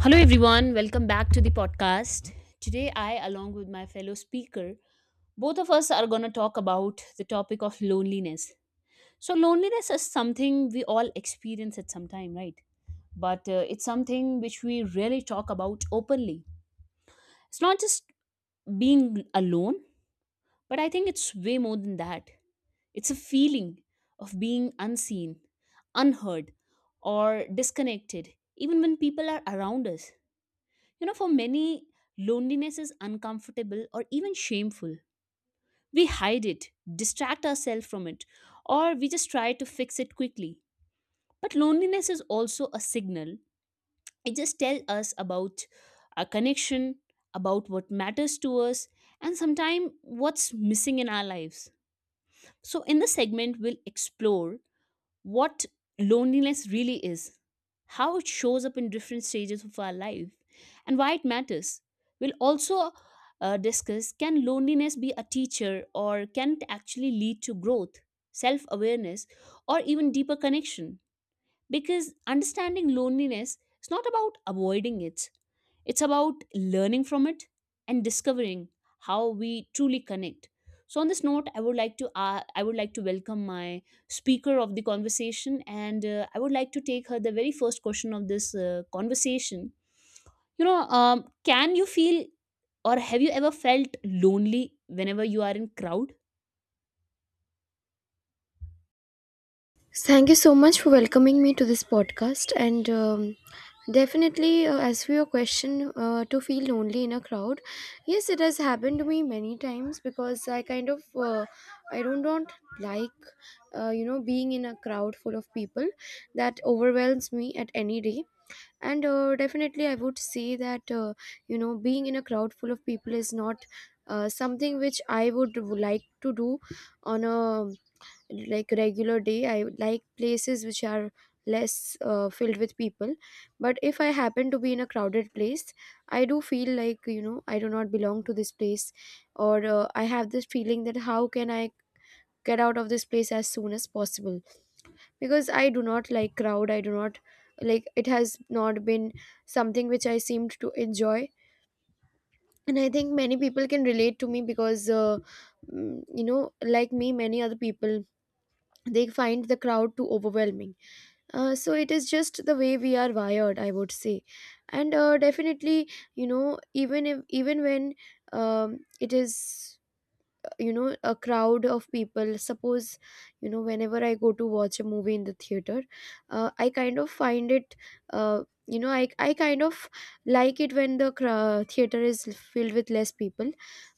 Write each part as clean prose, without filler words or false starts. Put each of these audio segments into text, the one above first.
Hello, everyone. Welcome back to the podcast. Today, I, along with my fellow speaker, both of us are going to talk about the topic of loneliness. So, loneliness is something we all experience at some time, right? But it's something which we really talk about openly. It's not just being alone, but I think it's way more than that. It's a feeling of being unseen, unheard, or disconnected, even when people are around us. For many, loneliness is uncomfortable or even shameful. We hide it, distract ourselves from it, or we just try to fix it quickly. But loneliness is also a signal. It just tells us about our connection, about what matters to us, and sometimes what's missing in our lives. So, in this segment, we'll explore what loneliness really is, how it shows up in different stages of our life, and why it matters. We'll also discuss, can loneliness be a teacher, or can it actually lead to growth, self awareness, or even deeper connection? Because understanding loneliness is not about avoiding it, it's about learning from it and discovering how we truly connect. So on this note, I would like to welcome my speaker of the conversation, and I would like to take her the very first question of this conversation. Can you feel, or have you ever felt lonely whenever you are in crowd? Thank you so much for welcoming me to this podcast. And Definitely, as for your question, to feel lonely in a crowd, yes, it has happened to me many times because I kind of I don't like being in a crowd full of people. That overwhelms me at any day. And Definitely, I would say that being in a crowd full of people is not something which I would like to do on a like regular day. I like places which are less filled with people, but if I happen to be in a crowded place, I do feel like I do not belong to this place, or I have this feeling that how can I get out of this place as soon as possible, because I do not like crowd. I do not like, it has not been something which I seemed to enjoy. And I think many people can relate to me because mm, you know like me many other people, they find the crowd too overwhelming. So it is just the way we are wired, I would say. And definitely, even if even when it is, a crowd of people. Suppose whenever I go to watch a movie in the theater, I kind of find it, uh, I kind of like it when the theater is filled with less people.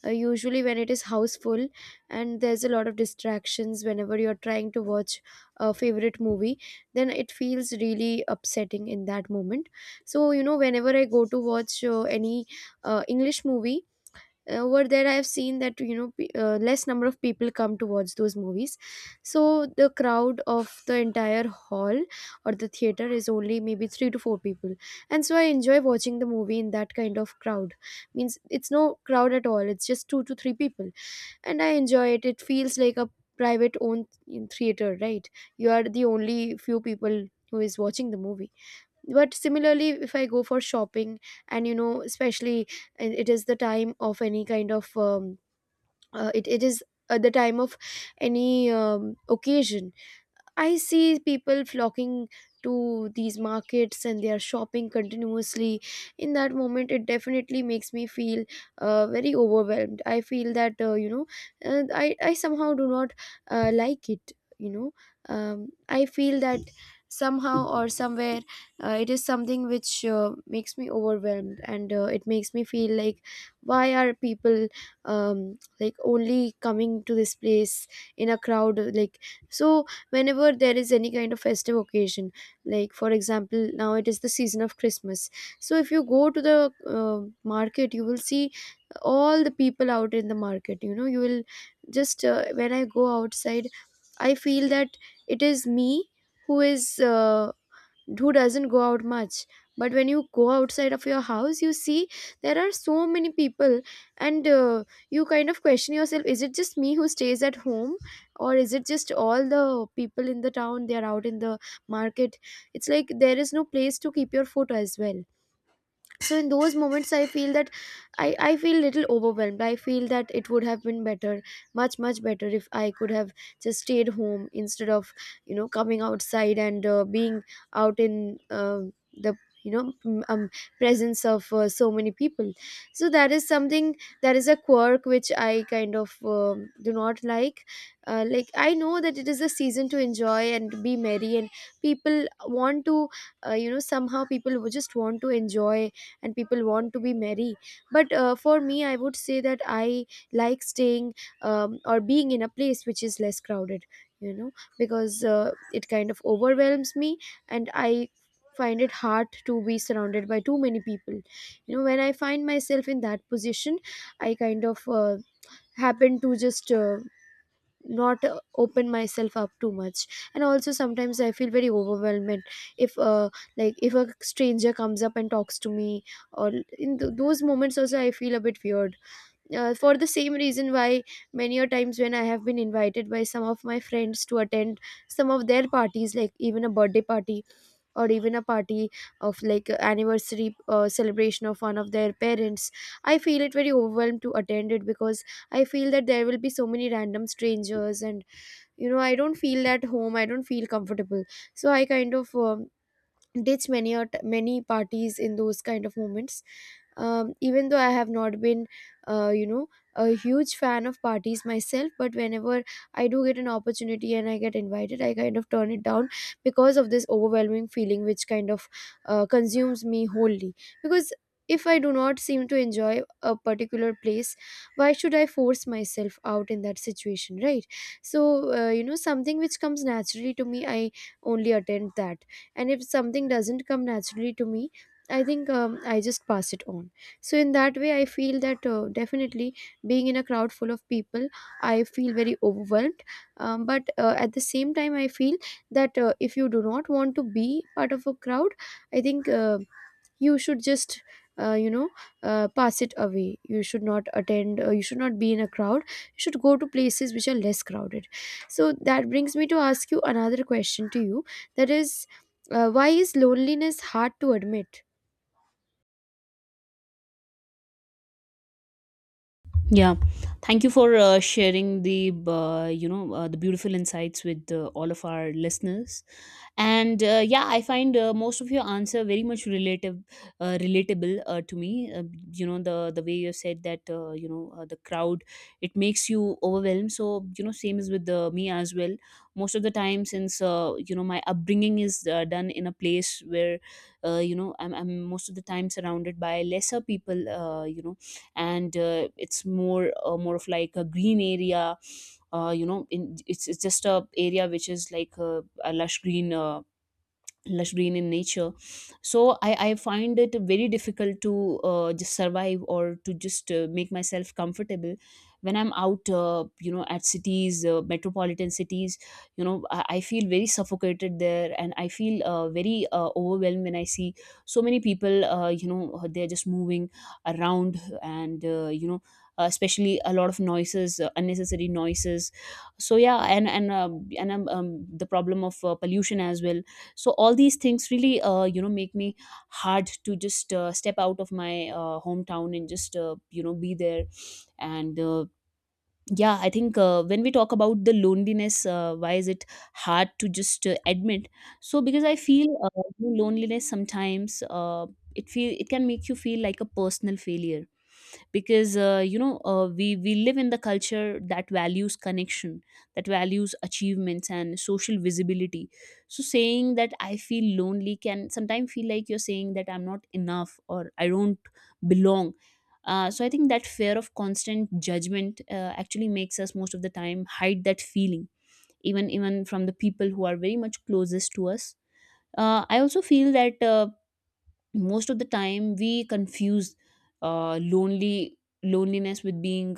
Usually when it is house full and there's a lot of distractions whenever you're trying to watch a favorite movie, then it feels really upsetting in that moment. So whenever I go to watch any English movie, over there I have seen that less number of people come to watch those movies. So the crowd of the entire hall or the theater is only maybe 3 to 4 people, and so I enjoy watching the movie in that kind of crowd. Means it's no crowd at all, it's just 2 to 3 people, and I enjoy it. It feels like a private owned theater, right? You are the only few people who is watching the movie. But similarly, if I go for shopping, and especially, and it is the time of any kind of it is the time of any occasion, I see people flocking to these markets and they are shopping continuously. In that moment, it definitely makes me feel very overwhelmed. I feel that, I somehow do not like it, you know. I feel that somehow or somewhere it is something which makes me overwhelmed, and it makes me feel like why are people like only coming to this place in a crowd like. So whenever there is any kind of festive occasion, like for example, now it is the season of Christmas, so if you go to the uh, market, you will see all the people out in the market. You will just when I go outside, I feel that it is me who is who doesn't go out much. But when you go outside of your house, you see there are so many people. And you kind of question yourself, is it just me who stays at home, or is it just all the people in the town, they are out in the market. It's like there is no place to keep your foot as well. So in those moments I feel that i feel little overwhelmed. I feel that it would have been better, much much better, if I could have just stayed home instead of coming outside and being out in the you know m- um, presence of so many people. So that is something, that is a quirk which I kind of do not like. Like, I know that it is a season to enjoy and be merry, and people want to somehow, people would just want to enjoy and people want to be merry. But for me, I would say that I like staying or being in a place which is less crowded, you know because it kind of overwhelms me, and I find it hard to be surrounded by too many people. When I find myself in that position, I kind of happen to just not open myself up too much. And also, sometimes I feel very overwhelmed if like if a stranger comes up and talks to me, or in those moments also, I feel a bit weird for the same reason. Why many a times when I have been invited by some of my friends to attend some of their parties, like even a birthday party, or even a party of like anniversary celebration of one of their parents, I feel it very overwhelmed to attend it, because I feel that there will be so many random strangers, and I don't feel at home, I don't feel comfortable. So I kind of ditch many or many parties in those kind of moments. Even though I have not been uh, you know a huge fan of parties myself, but whenever I do get an opportunity and I get invited, I kind of turn it down because of this overwhelming feeling which kind of consumes me wholly. Because if I do not seem to enjoy a particular place, why should I force myself out in that situation, right? So something which comes naturally to me, I only attend that. And if something doesn't come naturally to me, I think I just pass it on. So in that way I feel that definitely being in a crowd full of people, I feel very overwhelmed. But at the same time, I feel that if you do not want to be part of a crowd, I think you should just uh, you know pass it away. You should not attend, you should not be in a crowd, you should go to places which are less crowded. So that brings me to ask you another question to you, that is, why is loneliness hard to admit? Yeah, thank you for sharing the the beautiful insights with all of our listeners, and yeah, I find most of your answer very much relatable to me. You know, the way you said that the crowd, it makes you overwhelmed. So you know, same is with me as well. Most of the time, since you know, my upbringing is done in a place where you know, I'm most of the time surrounded by lesser people. You know, and it's more more of like a green area, it's just a area which is like a lush green in nature. So I find it very difficult to just survive or to just make myself comfortable when I'm out at cities, metropolitan cities. You know, I feel very suffocated there, and I feel very overwhelmed when I see so many people, they're just moving around, and especially a lot of noises, unnecessary noises. So yeah, and the problem of pollution as well. So all these things really you know, make me hard to just step out of my hometown and just you know, be there. And yeah, I think when we talk about the loneliness, why is it hard to just admit? So because I feel loneliness sometimes, it can make you feel like a personal failure. Because we live in the culture that values connection, that values achievements and social visibility. So saying that I feel lonely can sometimes feel like you're saying that I'm not enough or I don't belong. So I think that fear of constant judgment actually makes us most of the time hide that feeling, even from the people who are very much closest to us. I also feel that most of the time we confuse lonely loneliness with being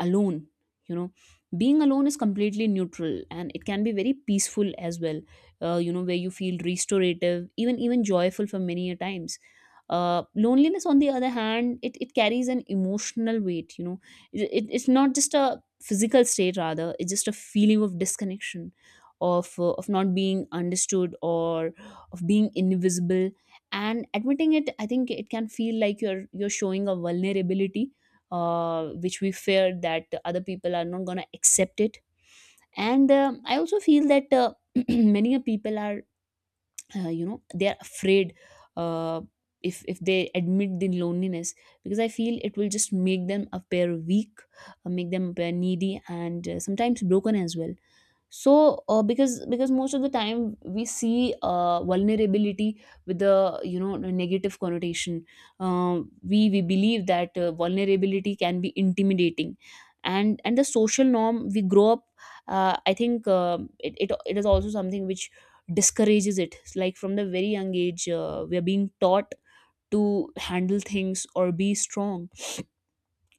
alone. You know, being alone is completely neutral, and it can be very peaceful as well, you know, where you feel restorative, even joyful for many a times. Loneliness, on the other hand, it carries an emotional weight. You know, it's not just a physical state, rather it's just a feeling of disconnection, of not being understood, or of being invisible. And admitting it, I think it can feel like you're showing a vulnerability which we fear that other people are not going to accept it. And I also feel that many a people are you know, they're afraid uh, if they admit the loneliness, because I feel it will just make them appear weak, make them appear needy, and sometimes broken as well. So because most of the time we see vulnerability with the, you know, the negative connotation. We believe that vulnerability can be intimidating. And the social norm we grow up, I think it is also something which discourages it. Like from the very young age, we are being taught to handle things or be strong.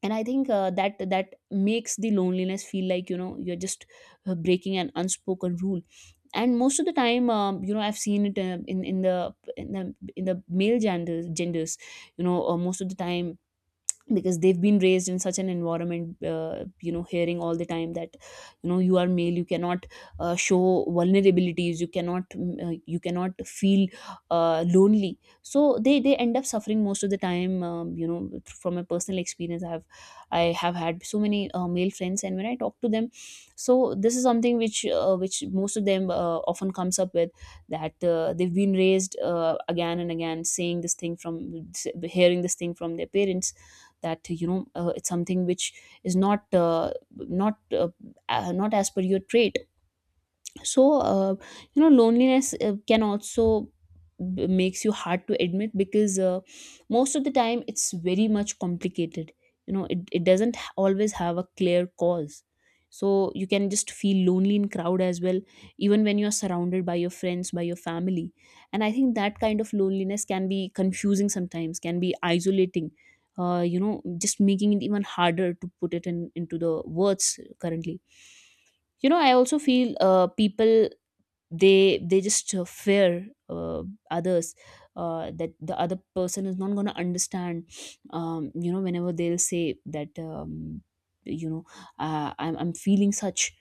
And I think that makes the loneliness feel like, you know, you're just breaking an unspoken rule. And most of the time, you know, I've seen it in the male genders. You know, most of the time, because they've been raised in such an environment, you know, hearing all the time that, you know, you are male, you cannot show vulnerabilities, you cannot you cannot feel lonely. So they end up suffering most of the time. You know, from my personal experience, I have had so many male friends, and when I talk to them, so this is something which most of them often comes up with. That they've been raised again and again saying this thing from, hearing this thing from their parents, that, you know, it's something which is not as per your trait. So you know, loneliness can also makes you hard to admit because most of the time it's very much complicated. You know, it doesn't always have a clear cause. So you can just feel lonely in crowd as well, even when you're surrounded by your friends, by your family. And I think that kind of loneliness can be confusing, sometimes can be isolating, you know, just making it even harder to put it in into the words currently. You know, I also feel people, they just fear others, that the other person is not going to understand. You know, whenever they'll say that, you know I'm feeling such.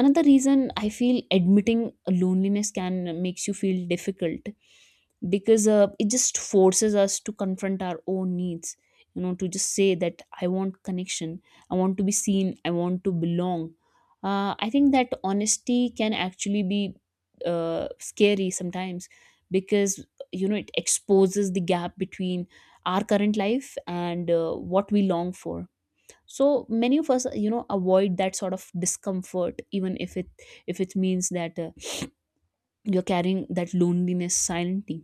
Another reason I feel admitting loneliness can makes you feel difficult, because it just forces us to confront our own needs. You know, to just say that I want connection, I want to be seen, I want to belong. I think that honesty can actually be scary sometimes, because, you know, it exposes the gap between our current life and what we long for. So many of us, you know, avoid that sort of discomfort, even if it, if it means that you're carrying that loneliness silently.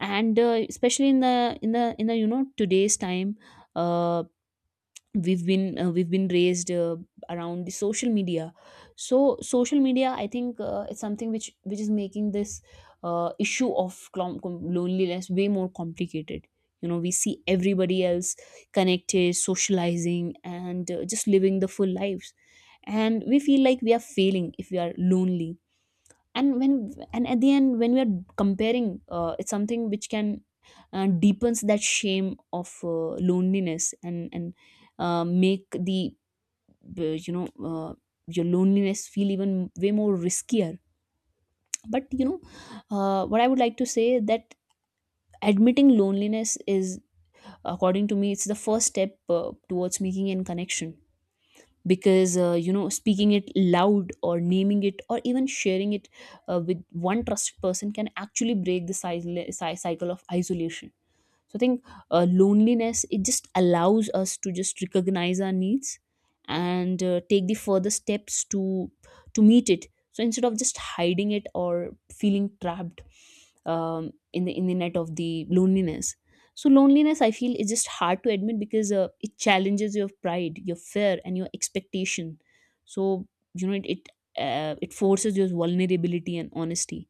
And especially in the you know, today's time, uh, we've been raised around the social media. So social media, I think it's something which is making this issue of loneliness way more complicated. You know, we see everybody else connected, socializing, and just living the full lives. And we feel like we are failing if we are lonely. And when, and at the end, when we are comparing, it's something which can deepens that shame of loneliness, and make the uh, you know uh, your loneliness feel even way more riskier. But you know, what I would like to say that admitting loneliness is, according to me, it's the first step towards making a connection. Because you know, speaking it loud, or naming it, or even sharing it with one trusted person can actually break the cycle of isolation. So I think loneliness, it just allows us to just recognize our needs, and take the further steps to meet it. So instead of just hiding it, or feeling trapped in the net of the loneliness. So loneliness, I feel, is just hard to admit because it challenges your pride, your fear, and your expectation. So you know, it forces your vulnerability and honesty.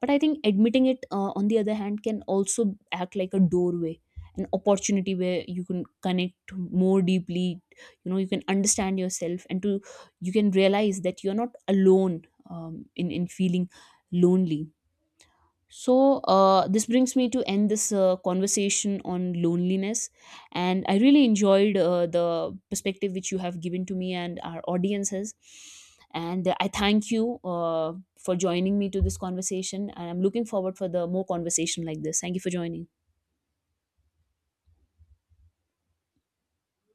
But I think admitting it, on the other hand, can also act like a doorway, an opportunity where you can connect more deeply. You know, you can understand yourself, and to, you can realize that you're not alone, in feeling lonely. So, this brings me to end this conversation on loneliness. And I really enjoyed the perspective which you have given to me and our audiences. And I thank you for joining me to this conversation. And I'm looking forward for the more conversation like this. Thank you for joining.